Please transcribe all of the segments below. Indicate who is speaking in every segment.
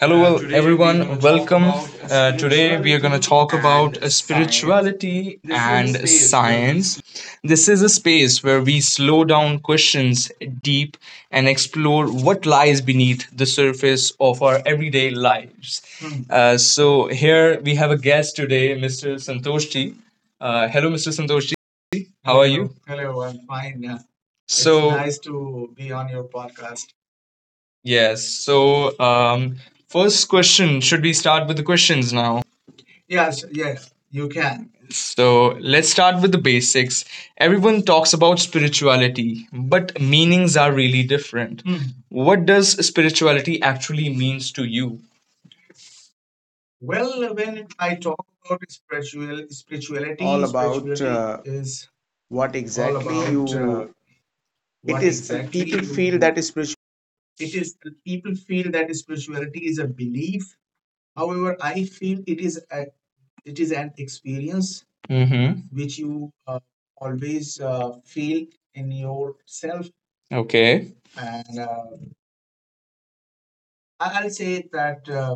Speaker 1: Hello,
Speaker 2: Uh,
Speaker 1: well,
Speaker 2: today we are going
Speaker 1: everyone.
Speaker 2: to talk
Speaker 1: Welcome.
Speaker 2: about
Speaker 1: Today, we are going to
Speaker 2: spirituality
Speaker 1: talk about
Speaker 2: and science.
Speaker 1: spirituality
Speaker 2: This is a
Speaker 1: and
Speaker 2: space where we
Speaker 1: science. This is a space where we slow down questions deep and explore what lies beneath the surface of our everyday lives. Hmm. So, here we have a guest today, Mr. Santoshji. Hello, Mr. Santoshji. How are Hello. You? Hello, I'm fine. So, nice to be on your podcast. Yes. So, first question, should we start with the questions now? Yes, yes, you can. So, let's start with the basics. Everyone talks about spirituality, but meanings are really different. Hmm. What does spirituality actually means to you? Well, when I talk about
Speaker 2: all about
Speaker 1: spirituality is
Speaker 2: what
Speaker 1: all
Speaker 2: exactly
Speaker 1: about
Speaker 2: you it
Speaker 1: what
Speaker 2: is
Speaker 1: exactly
Speaker 2: people feel
Speaker 1: you.
Speaker 2: that is spiritual.
Speaker 1: It is people feel that spirituality is a belief. However, I feel it is an experience, Mm-hmm, which you always feel in yourself, okay, and I'll say that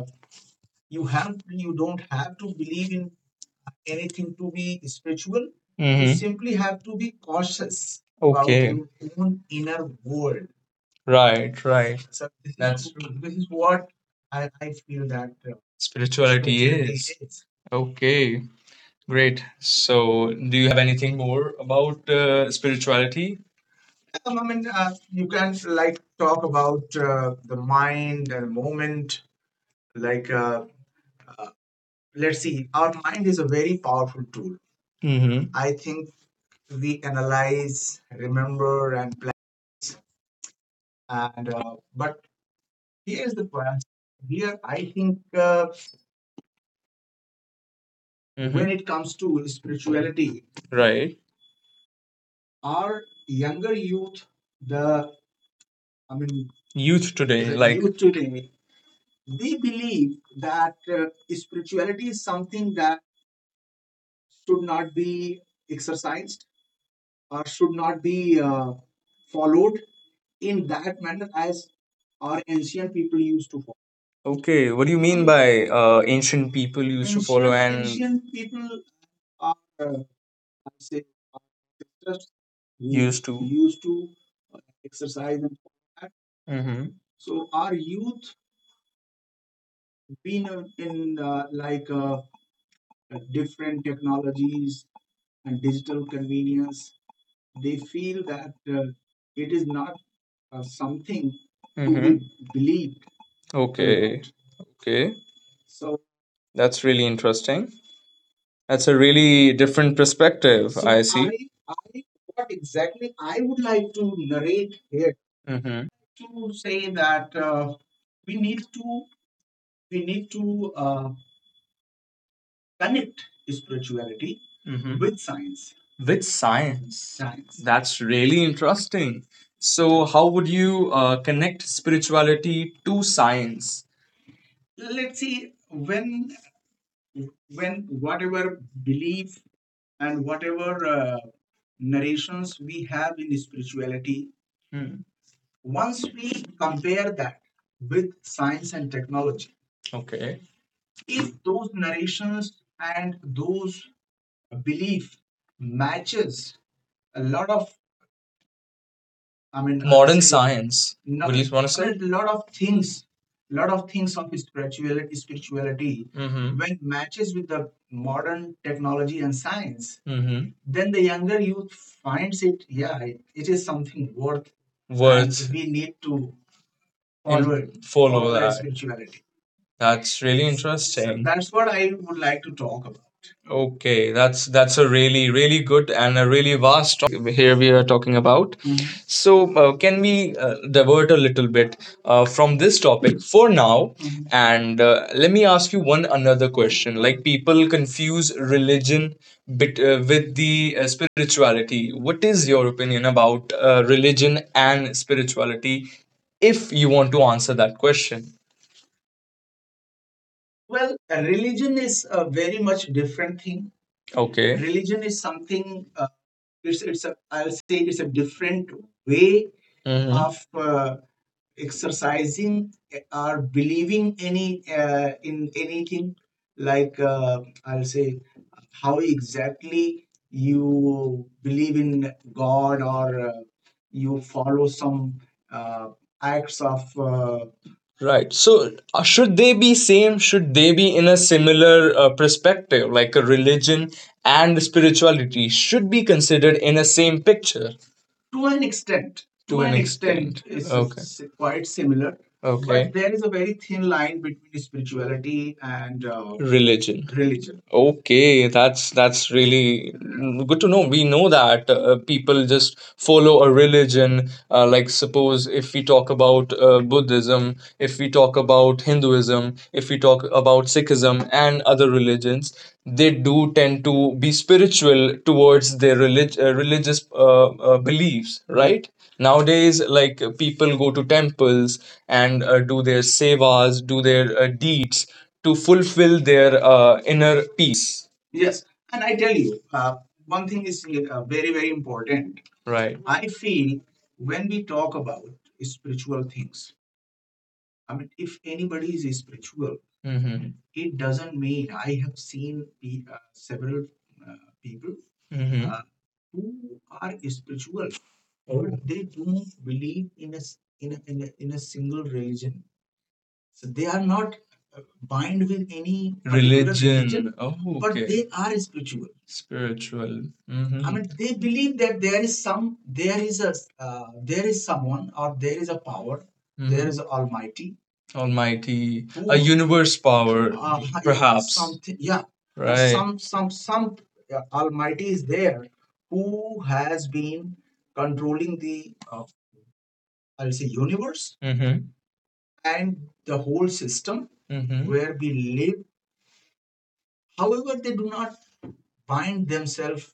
Speaker 1: you don't have to believe in anything to be spiritual. You, Mm-hmm, simply have to be cautious about, okay, your own inner world. Right, right. So this, that's true. This is what I feel that spirituality is. Okay, great. So, do you have anything more about spirituality? I mean, you can like talk about the mind and moment. Like, uh, let's see, our mind is a very powerful tool. Mm-hmm. I think we analyze, remember, and plan. And but here's the part here. I think uh, Mhm, when hmm it comes to spirituality, right, our younger youth, the I mean Youth today, the like, youth today, they believe that spirituality is something that should not be exercised or should not be uh, followed in that manner as our ancient people used to follow. Okay, what do you mean by ancient people used to follow? Ancient and ancient people are uh, I say our ancestors who used to uh, exercise and all that. Mhm. So our youth been in like different technologies and digital convenience. They feel that it is not something to be, Mhm, believed a Okay. lot. Okay. So that's really interesting. That's a really different perspective. So I see. What exactly I would like to narrate here, Mm-hmm, would like to say that we need to, we need to connect spirituality hmm with science. With science. Science. That's really interesting. So, how would you connect spirituality to science? Let's see, when whatever belief and whatever narrations we have in spirituality, hmm, once we compare that with science and technology, okay, if those narrations and those belief matches a lot of, I mean, I modern science. Science. No, would not, you want to I say? Mean, lot of things, lot of things of spirituality, Mm-hmm, when matches with the modern technology and science, Mm-hmm, then the younger youth finds it. Yeah, it is something worth, and worth we need to and forward, follow forward that. That spirituality. That's really so interesting. That's what I would like to talk about. Okay, that's a really really good and a really vast here we are talking about. Mhm. So can we divert a little bit from this topic for now? Mhm. And let me ask you one another question. Like, people confuse religion bit, with the spirituality. What is your opinion about religion and spirituality? If you want to answer that question. Well, religion is a very much different thing. Okay. Religion is something. It's a, I'll say it's a different way, Mm-hmm, of exercising or believing any in anything. Like, I'll say, how exactly you believe in God or you follow some uh, acts of right. So, should they be same? Should they be in a similar perspective, like a religion and spirituality should be considered in a same picture? To an extent. To an extent extent it's okay. Quite similar. Okay. But there is a very thin line between spirituality and religion. Religion. Okay, that's really mm, good to know. We know that people just follow a religion. Like suppose if we talk about Buddhism, if we talk about Hinduism, if we talk about Sikhism and other religions, they do tend to be spiritual towards their religious beliefs right nowadays. Like people go to temples and do their sevas, do their deeds to fulfill their inner peace. Yes, and I tell you, one thing is very, very important right. I feel, when we talk about spiritual things, I mean, if anybody is spiritual, hmm, it doesn't mean I have seen several people hmm who are spiritual, but, oh, they don't believe in a s- in a, in a, in a single religion. So they are not bind with any particular religion. Religion. Oh, but okay, they are spiritual. Spiritual. I hmm mean, they believe that there is someone, or there is a power, there hmm is Almighty, Almighty, a who, universe power, perhaps. Something, yeah, right. Some, some Almighty is there who has been controlling the, I'll say, universe, and the whole system hmm where we live. However, they do not bind themselves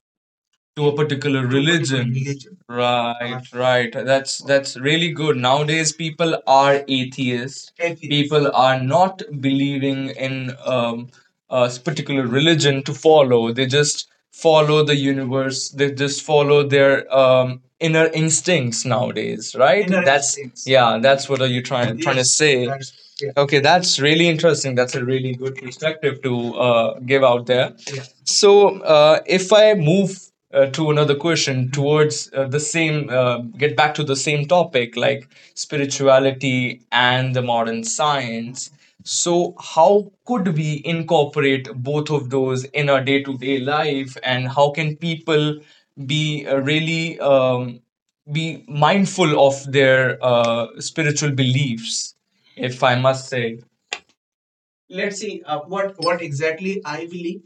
Speaker 1: to a particular religion. Religion. Right, right. That's really good. Nowadays, people are atheists. Atheist. People are not believing in particular religion to follow. They just follow the universe. They just follow their inner instincts nowadays. Right. Inner, that's instincts. Yeah. That's what are you trying to Yes, say? That's yeah. Okay, that's really interesting. That's a really good perspective to give out there. Yeah. So, if I move to another question towards the same, get back to the same topic, like spirituality and the modern science, so how could we incorporate both of those in our day-to-day life and how can people be really be mindful of their spiritual beliefs, if I must say? Let's see, what exactly I believe,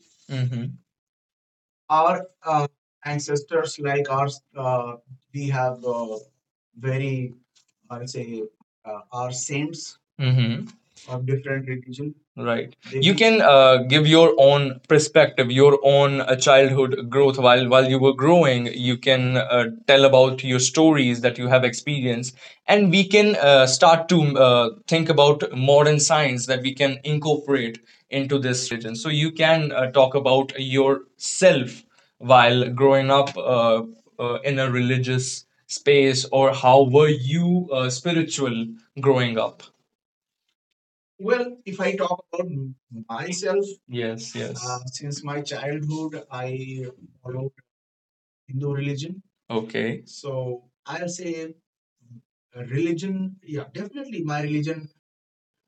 Speaker 1: our ancestors, like ours, we have very, I would say, our saints, Mm-hmm, of different religion, right. You maybe can give your own perspective, your own childhood growth while you were growing. You can tell about your stories that you have experienced, and we can start to think about modern science that we can incorporate into this religion. So you can talk about yourself while growing up in a religious space, or how were you spiritual growing up? Well, if I talk about myself, yes, yes, since my childhood, I followed Hindu religion. Okay. So I'll say religion, yeah, definitely my religion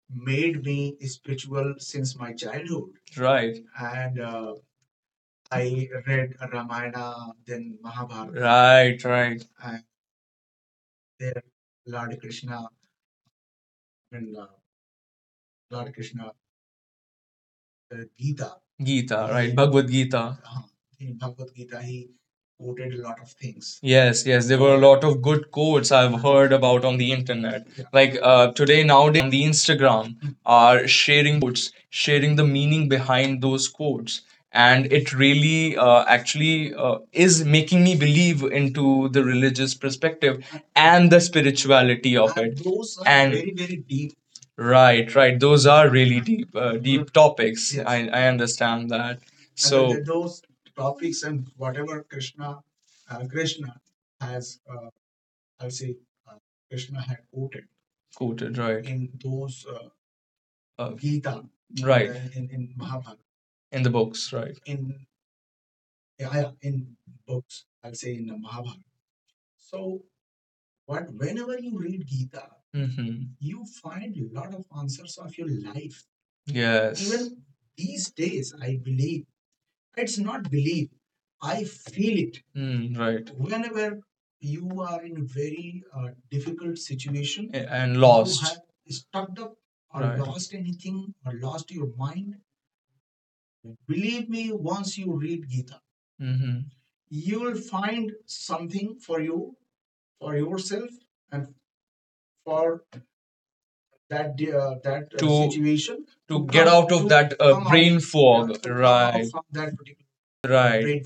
Speaker 1: made me spiritual since my childhood. Right. And I read Ramayana, then Mahabharata, right, right, and then Lord Krishna and Lord Krishna Gita. Gita, right? He, Bhagavad Gita. In Bhagavad Gita, he quoted a lot of things. Yes, yes, there were a lot of good quotes I've heard about on the internet. Yeah. Like today, nowadays, people on the Instagram, Mm, are sharing quotes, sharing the meaning behind those quotes, and it really, actually, is making me believe into the religious perspective and the spirituality of And it. Those are and very, very deep. Right, right. Those are really deep, deep topics. Yes. I understand that. And then, so, there those topics and whatever Krishna, uh, Krishna, has, uh, I'll say, uh, Krishna had quoted, right, in those Gita, in, right, in Mahabharata, in the books, right, in, yeah, yeah, in books, I'll say in the Mahabharata. So, but whenever you read Gita, hmm, you find a lot of answers of your life. Yes. Even these days, I believe, it's not believe, I feel it. Mm, right. Whenever you are in a very difficult situation, and you lost, have stuck up or right lost anything or lost your mind, believe me, once you read Gita, Mm-hmm, you will find something for you, for yourself, and for that To- situation to get come- out of to that come out, brain yeah, fog to come out right from that particular right brain,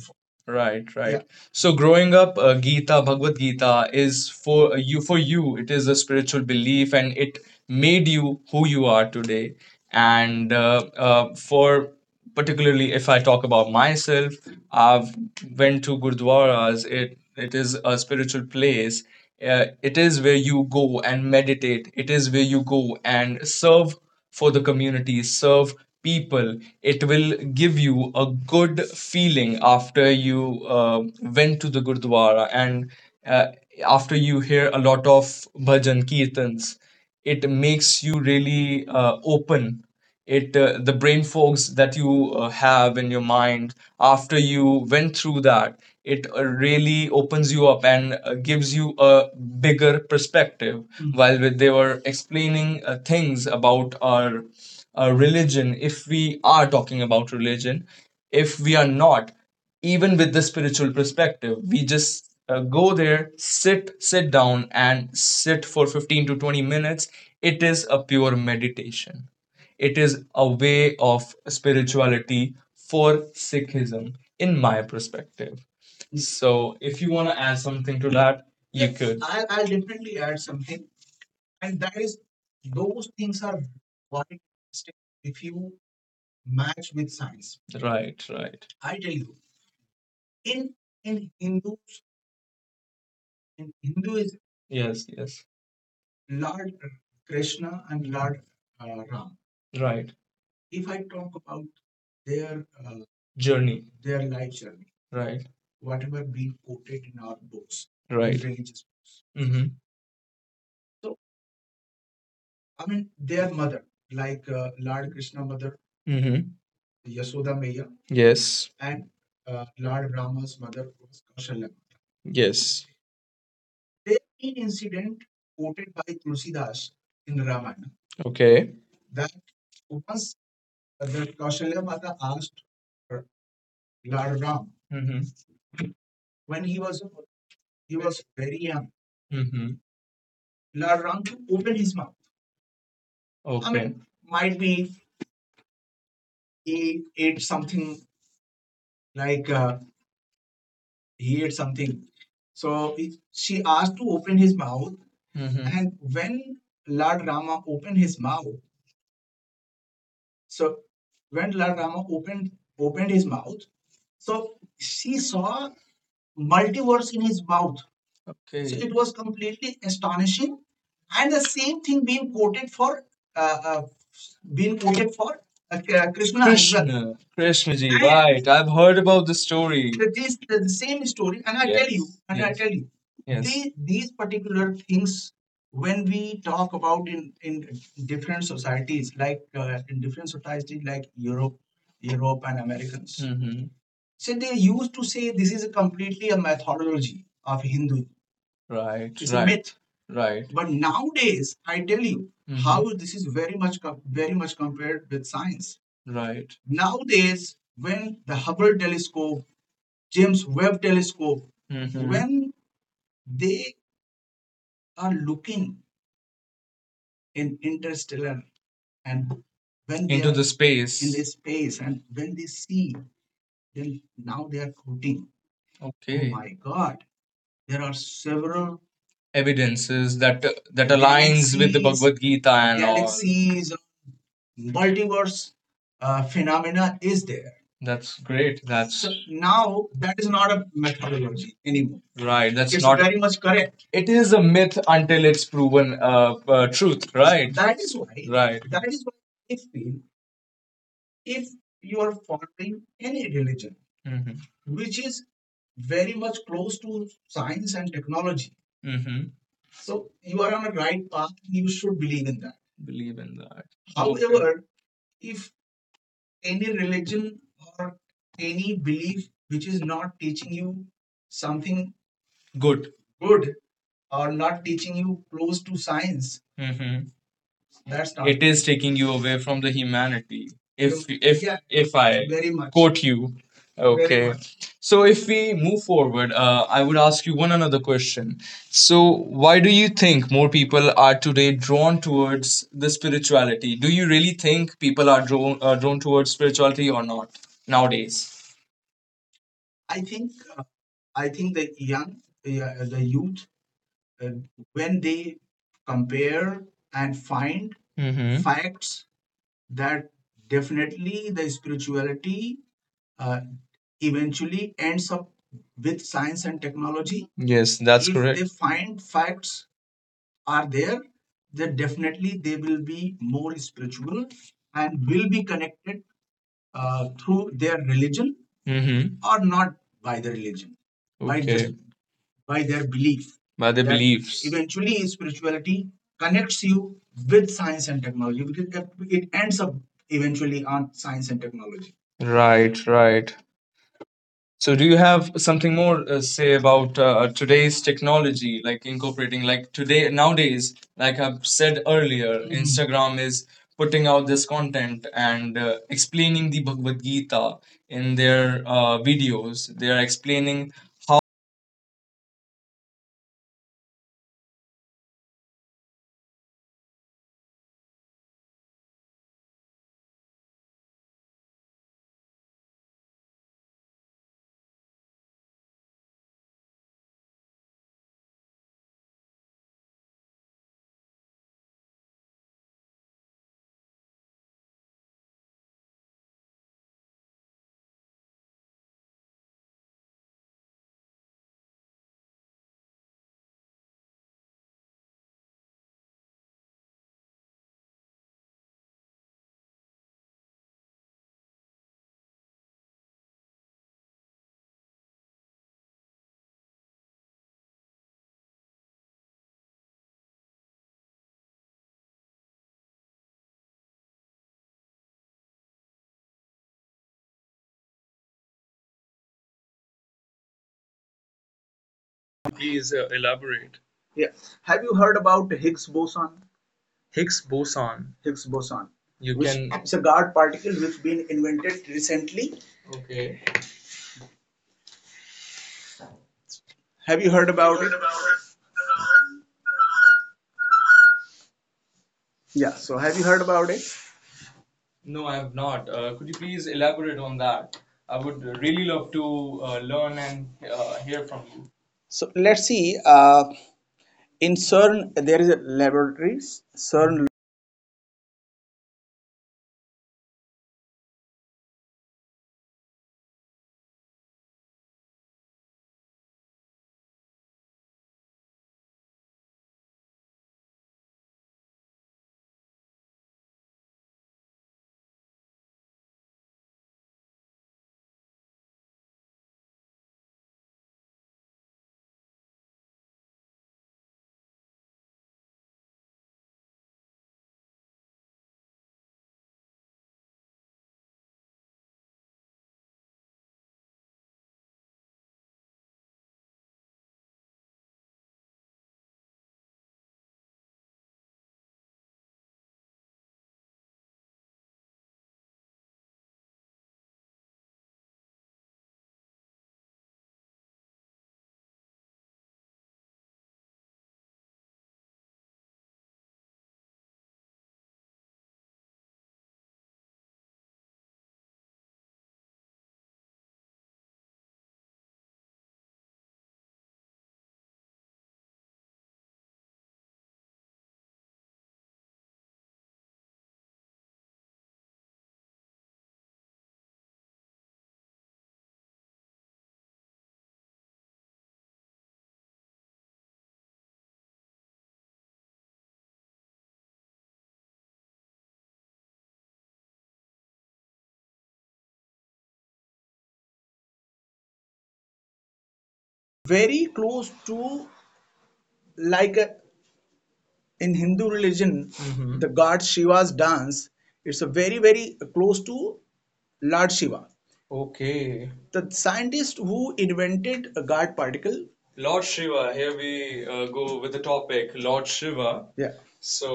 Speaker 1: right, yeah, right, yeah. So growing up, Gita, Bhagavad Gita is for you for you it is a spiritual belief and it made you who you are today. And for particularly if I talk about myself, I've went to gurdwaras. It is a spiritual place. It is where you go and meditate. It is where you go and serve for the community, serve people. It will give you a good feeling after you went to the Gurdwara and uh, after you hear a lot of bhajan, kirtans. It makes you really open it the brain fogs that you have in your mind. After you went through that, it really opens you up and gives you a bigger perspective, mhm, while they were explaining things about our religion. If we are talking about religion, if we are not even with the spiritual perspective, we just go there, sit down and sit for 15 to 20 minutes. It is a pure meditation. It is a way of spirituality for Sikhism, in my perspective. So, if you want to add something to that, you, yes, could. I'll definitely add something, and that is, those things are quite interesting if you match with science. Right, right. I tell you, in in Hindus, in Hinduism, yes, yes, Lord Krishna and Lord Ram, right. If I talk about their journey, their life journey, right? Whatever being quoted in our books, right, religious books, mm-hmm. So I mean, their mother, like Lord Krishna mother, mm-hmm, Yasoda Maya, yes, and Lord Rama's mother was Kaushalya Mata, yes. There is main incident quoted by Tulsidas in Ramayana, okay, that once the Kaushalya Mata asked uh, Lord Ram, mm-hmm, when he was very young, mm-hmm. La Rank opened his mouth. Okay. I mean, might be he ate something, like he ate something. So he- she asked to open his mouth, mm-hmm, and when Lord Rama opened his mouth, So when Lord Rama opened opened his mouth, so she saw multiverse in his mouth. Okay. So, okay, it was completely astonishing, and the same thing being quoted for uh, uh, being quoted for uh, Krishna well. Krishna. Krishna ji, right. I've heard about the story, same story, and I, yes, tell you, yes, and yes, I, yes, tell you, yes. They, these particular things, when we talk about in different societies, like in different societies like Europe, and Americans, mm-hmm, so they used to say this is a completely a mythology of Hindu, right. It's a, right, myth, right. But nowadays, I tell you how, mm-hmm, this is very much very much compared with science. Right. Nowadays, when the Hubble telescope, James Webb telescope, mm-hmm, when they are looking in interstellar and when they into are the space. In the space, and when they see, then now they are quoting, oh, okay, my god, there are several evidences that aligns with the galaxies, Bhagavad Gita and all. Galaxies, multiverse phenomena is there. That's great. That's, so now that is not a methodology anymore, right. That's, it's not, very much correct. It is a myth until it's proven truth. Right. That is why, right, that is why I feel if you are following any religion, mm-hmm, which is very much close to science and technology, mm-hmm, so you are on a right path, you should believe in that. Believe in that. Okay, however, okay, if any religion or any belief which is not teaching you something good, good or not teaching you close to science, mm-hmm, that's not, it is taking you away from the humanity. If, you- if, yeah, if I, very much, quote you, very, okay, much. So if we move forward, I would ask you one another question. So why do you think more people are today drawn towards the spirituality? Do you really think people are drawn towards spirituality or not nowadays? I think uh, I think the young the youth uh, when they compare and find, hmm, facts that definitely the spirituality uh, eventually ends up with science and technology. Yes, that's, if correct, they find facts are there, then definitely they will be more spiritual and will be connected through their religion, mm-hmm, or not by the religion, by just, okay, by their belief, by their, that beliefs, eventually spirituality connects you with science and technology because it ends up eventually on science and technology. Right, right. So, do you have something more say about today's technology, like incorporating, like today nowadays, like I've said earlier, mhm, Instagram is putting out this content and explaining the Bhagavad Gita in their videos. They are explaining how.
Speaker 2: Please elaborate. Yeah, have you heard about higgs boson. Higgs boson. Higgs boson. You which can. It's a god particle which been invented recently. Okay. Have you heard about heard it about it? Yeah, so have you heard about it? No, I have not. Could you please elaborate on that? I would really love to learn and hear from you. So let's see. In CERN, there is a laboratories. CERN very close to like in Hindu religion, the god Shiva's dance. It's a very very close to Lord Shiva. Okay. The scientist who invented a god particle. Lord Shiva, here we go with the topic Lord Shiva. Yeah. So,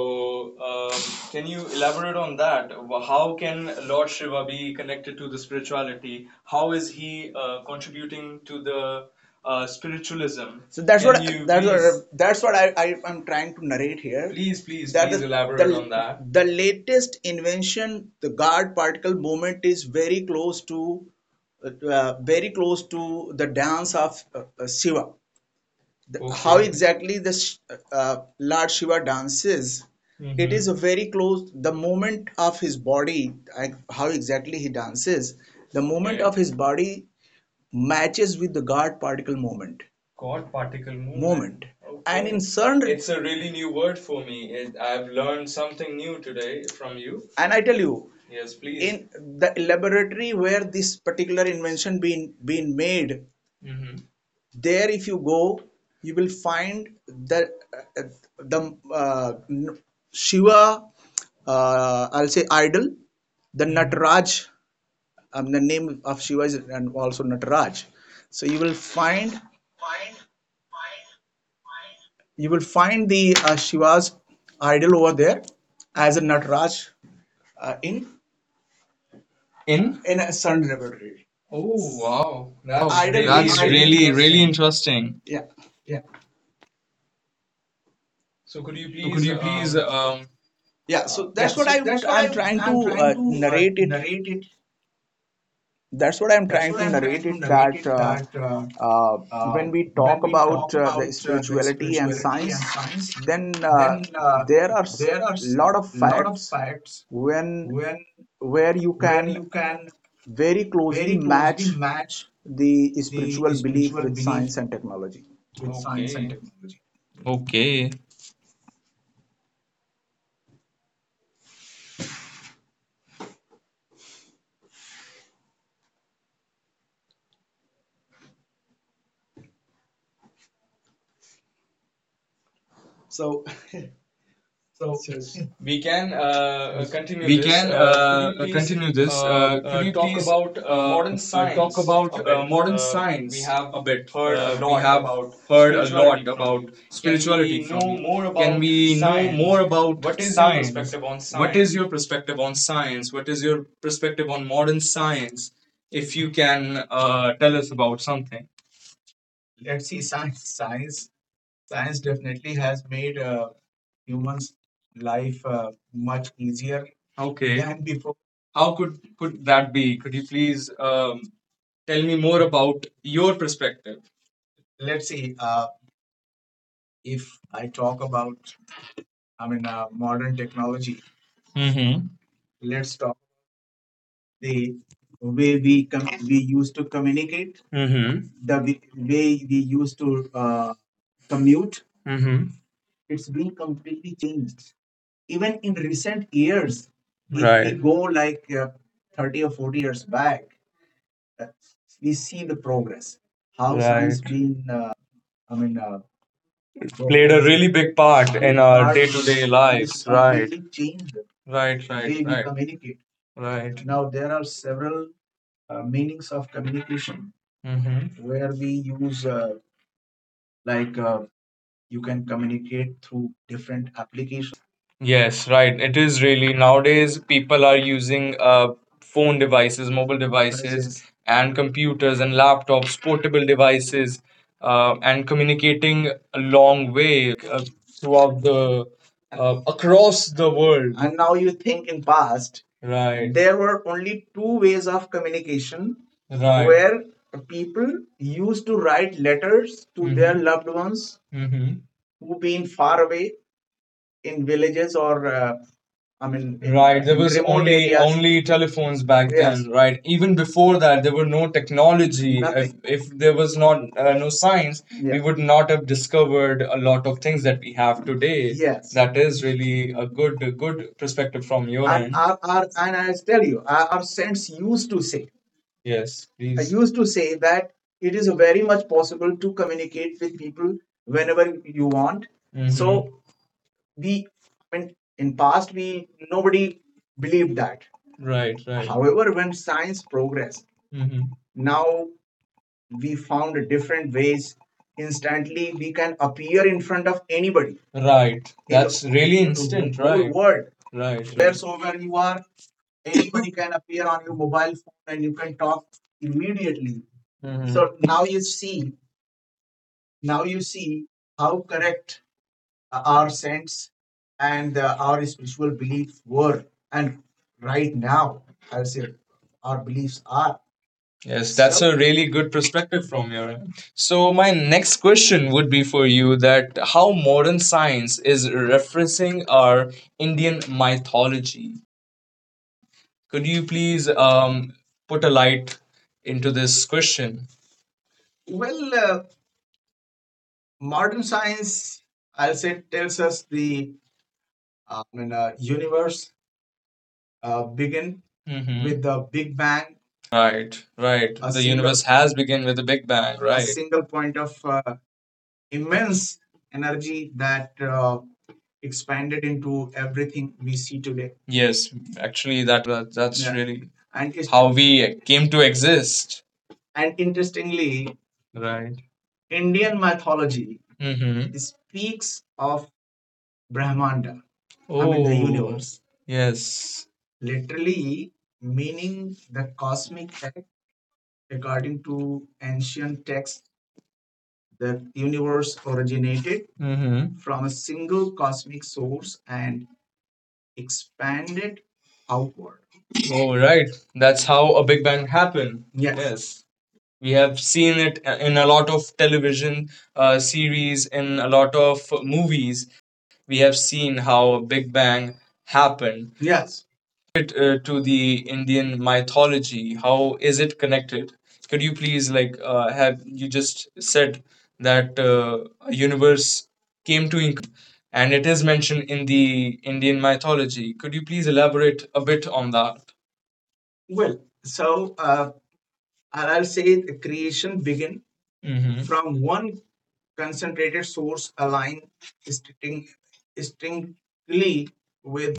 Speaker 2: can you elaborate on that? How can Lord Shiva be connected to the spirituality? How is he contributing to the spiritualism? So that's can what you that's please, what that's what I am trying to narrate here. Please, please, that please the, elaborate the on that the latest invention, the God particle movement, is very close to the dance of Shiva the, okay. How okay, exactly the Lord Shiva dances, it. Mm-hmm. It is a very close, the movement of his body, like how exactly he dances, the movement. Okay. Of his body matches with the God particle movement. God particle movement. Movement. And in okay certain, it's a really new word for me. It, I've learned something new today from you. And I tell you, yes, please, in the laboratory where this particular invention been made. Mm-hmm. There if you go you will find that uh, the shiva I'll say idol the nataraj, the name of shiva is and also nataraj, so you
Speaker 1: You
Speaker 2: will
Speaker 1: will
Speaker 2: find
Speaker 1: find the
Speaker 2: the
Speaker 1: Shiva's
Speaker 2: shiva's idol
Speaker 1: idol
Speaker 2: over
Speaker 1: over there
Speaker 2: there
Speaker 1: as
Speaker 2: as a
Speaker 1: a Nataraj
Speaker 2: nataraj uh, in
Speaker 1: in In?
Speaker 2: in
Speaker 1: in a
Speaker 2: a sun
Speaker 1: certain level.
Speaker 2: laboratory. Oh,
Speaker 1: Oh,
Speaker 2: wow. That's
Speaker 1: wow.
Speaker 2: idol really, being
Speaker 1: That's, I-
Speaker 2: really
Speaker 1: really, really
Speaker 2: interesting.
Speaker 1: interesting.
Speaker 2: Yeah,
Speaker 1: Yeah,
Speaker 2: so could you
Speaker 1: so could
Speaker 2: please
Speaker 1: you please, um,
Speaker 2: yeah, so
Speaker 1: yeah.
Speaker 2: that's what
Speaker 1: So
Speaker 2: I,
Speaker 1: that's what
Speaker 2: I'm trying to
Speaker 1: I'm trying to
Speaker 2: narrate it
Speaker 1: narrate it.
Speaker 2: that's what I'm
Speaker 1: That's
Speaker 2: trying
Speaker 1: what
Speaker 2: to
Speaker 1: I'm
Speaker 2: narrate
Speaker 1: trying to
Speaker 2: it,
Speaker 1: narrate
Speaker 2: that
Speaker 1: it. That
Speaker 2: uh,
Speaker 1: uh,
Speaker 2: when we
Speaker 1: when
Speaker 2: talk
Speaker 1: we
Speaker 2: about
Speaker 1: talk
Speaker 2: the
Speaker 1: about the
Speaker 2: spirituality and
Speaker 1: spirituality
Speaker 2: science,
Speaker 1: and science,
Speaker 2: then
Speaker 1: then
Speaker 2: there are s
Speaker 1: there are
Speaker 2: lot of
Speaker 1: lot
Speaker 2: facts
Speaker 1: of facts
Speaker 2: when
Speaker 1: when,
Speaker 2: where you
Speaker 1: where
Speaker 2: can
Speaker 1: you can
Speaker 2: very closely
Speaker 1: very closely
Speaker 2: match
Speaker 1: match
Speaker 2: the
Speaker 1: the
Speaker 2: spiritual belief
Speaker 1: spiritual
Speaker 2: with
Speaker 1: belief
Speaker 2: science and technology.
Speaker 1: with science and
Speaker 2: Okay.
Speaker 1: technology. Okay. So,
Speaker 2: We can
Speaker 1: yes,
Speaker 2: continue
Speaker 1: we
Speaker 2: this.
Speaker 1: can
Speaker 2: Could you please
Speaker 1: continue this. Could you
Speaker 2: talk
Speaker 1: please
Speaker 2: about modern
Speaker 1: talk
Speaker 2: science
Speaker 1: about
Speaker 2: a bit?
Speaker 1: modern
Speaker 2: We
Speaker 1: science
Speaker 2: have
Speaker 1: a bit?
Speaker 2: heard a
Speaker 1: We
Speaker 2: lot
Speaker 1: have
Speaker 2: about
Speaker 1: heard a lot
Speaker 2: spirituality from
Speaker 1: about
Speaker 2: you. Can
Speaker 1: spirituality
Speaker 2: we
Speaker 1: from
Speaker 2: know
Speaker 1: you.
Speaker 2: more
Speaker 1: Can
Speaker 2: about
Speaker 1: we know
Speaker 2: science?
Speaker 1: more about
Speaker 2: What is your
Speaker 1: science?
Speaker 2: perspective on
Speaker 1: What
Speaker 2: science?
Speaker 1: is your perspective on science? What is your perspective on modern science? If you can tell us about something. Let's see, science, science, science definitely has made humans life much easier, okay, than before. How could that be? Could you please, tell me more about your perspective? Let's see, if I talk about, I mean, modern technology, mm-hmm, let's talk the way we we used to communicate, mm-hmm, the way we used to commute, mm-hmm. It's been completely changed. Even in recent years, if we, right, go like 30 or 40 years back, uh, we see the progress. How science, right, been, I mean, played a really big part in our day-to-day lives. Right, completely changed the, right, the way, right, we, right, communicate, right. Now there are several meanings of communication, mm-hmm, where we use like you can communicate through different applications. Yes, right. It is really, nowadays people are using phone devices, mobile devices, and computers and laptops, portable devices, and communicating a long way, throughout the across the world. And now you think in past, right, there were only two ways of communication, right, where people used to write letters to, mm-hmm, their, mhm, loved ones, hmm, who been far away in villages or I mean, right, There was only areas. Only telephones back, yes, then, right? Even before that, there were no technology. If nothing, if there was not no science, yeah, we, yeah, would not have discovered a lot of things that we have today. Yes. That is really a good, a good perspective from your, and, end. Our, and I tell you, our, saints used to say, yes, I, please, used to say that it is very much possible to communicate with people whenever you want. Mhm. So we, when in past we, nobody believed that. Right, right. However, when science progressed, hmm, now we found different ways instantly we can appear in front of anybody, right, in, that's in, really instant, whole, right, word, Right, right. Wheresoever you are, anybody can appear on your mobile phone and you can talk immediately, mm-hmm. So now you see, now you see how correct our sense and our spiritual beliefs were, and right now I'll say our beliefs are. Yes, that's a really good perspective from your end. So my next question would be for you, that how modern science is referencing our Indian mythology. Could you please, put a light into this question? Well, modern science, I'll say, tells us the, I mean, universe began, mhm, with, hmm, the Big Bang, right, right, a, the single universe has begun with the Big Bang, right, A right? single point of immense energy that expanded into everything we see today. Yes, actually, that, that, that's, yeah, really. And it's how we came to exist. And interestingly, right, Indian mythology, mm-hmm, speaks of Brahmanda, I mean the, oh, universe, yes, literally meaning the cosmic act, according to ancient texts the universe originated, mm-hmm, from a single cosmic source and expanded outward. Oh, right. That's how a Big Bang happened. Yes. Yes. We have seen it in a lot of television series, in a lot of movies. We have seen how a Big Bang happened. Yes. How can we connect it to the Indian mythology? How is it connected? Could you please, like, have you just said that a universe came to, and it is mentioned in the Indian mythology? Could you please elaborate a bit on that? Well, so or I'll say the creation begin, hmm, from one concentrated source aligned distinctly with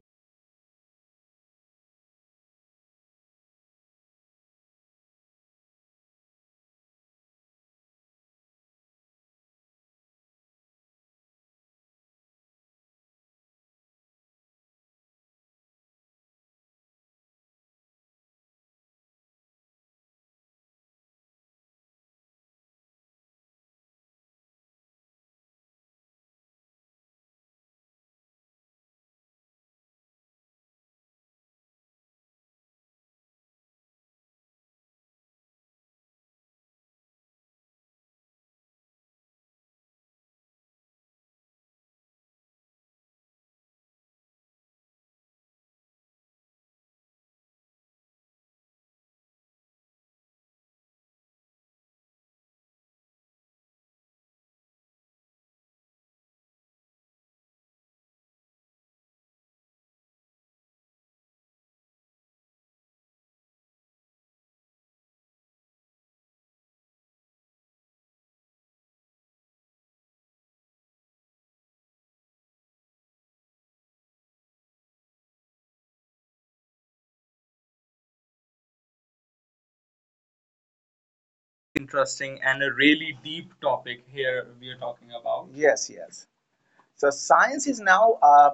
Speaker 2: Interesting and a really deep topic here we are talking about. Yes, yes. So science is now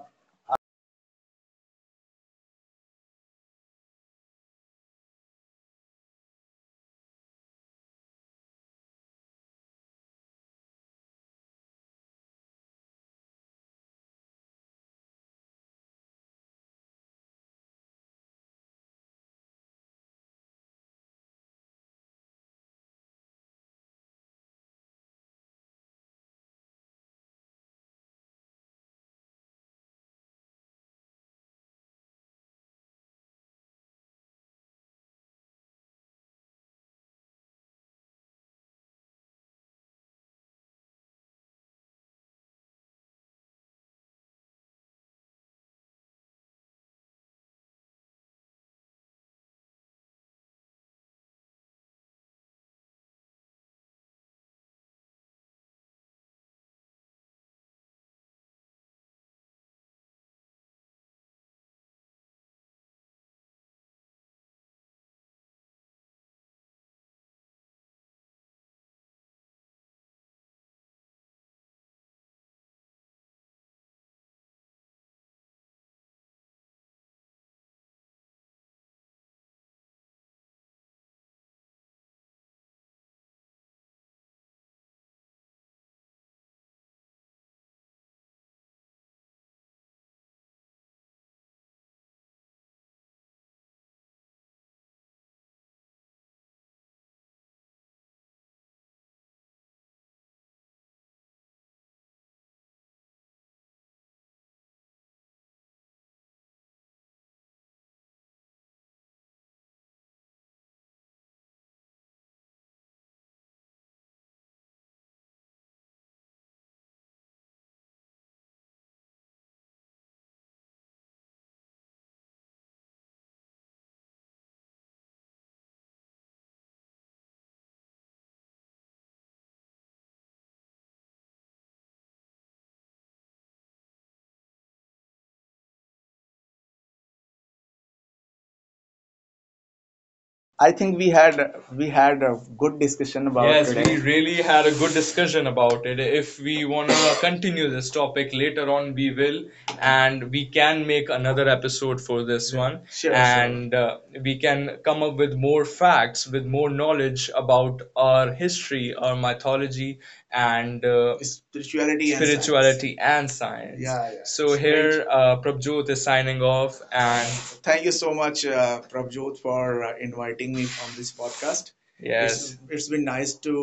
Speaker 2: I think we had a good discussion about yes, it. We really had a good discussion about it. If we want to continue this topic later on, we will, and we can make another episode for this yeah one, sure, sure, and sure. We can come up with more facts, with more knowledge about our history, our mythology, and spirituality and science. And science. Yeah, yeah. So it's here, Prabjot is signing off, and thank you so much, Prabjot, for inviting me on this podcast. Yes, it's been nice to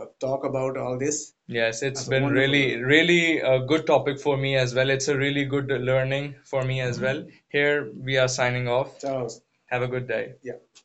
Speaker 2: talk about all this. Yes, it's that's been wonderful. Really, really a good topic for me as well. It's a really good learning for me as Mm-hmm. well. Here we are signing off. Ciao. Have a good day. Yeah.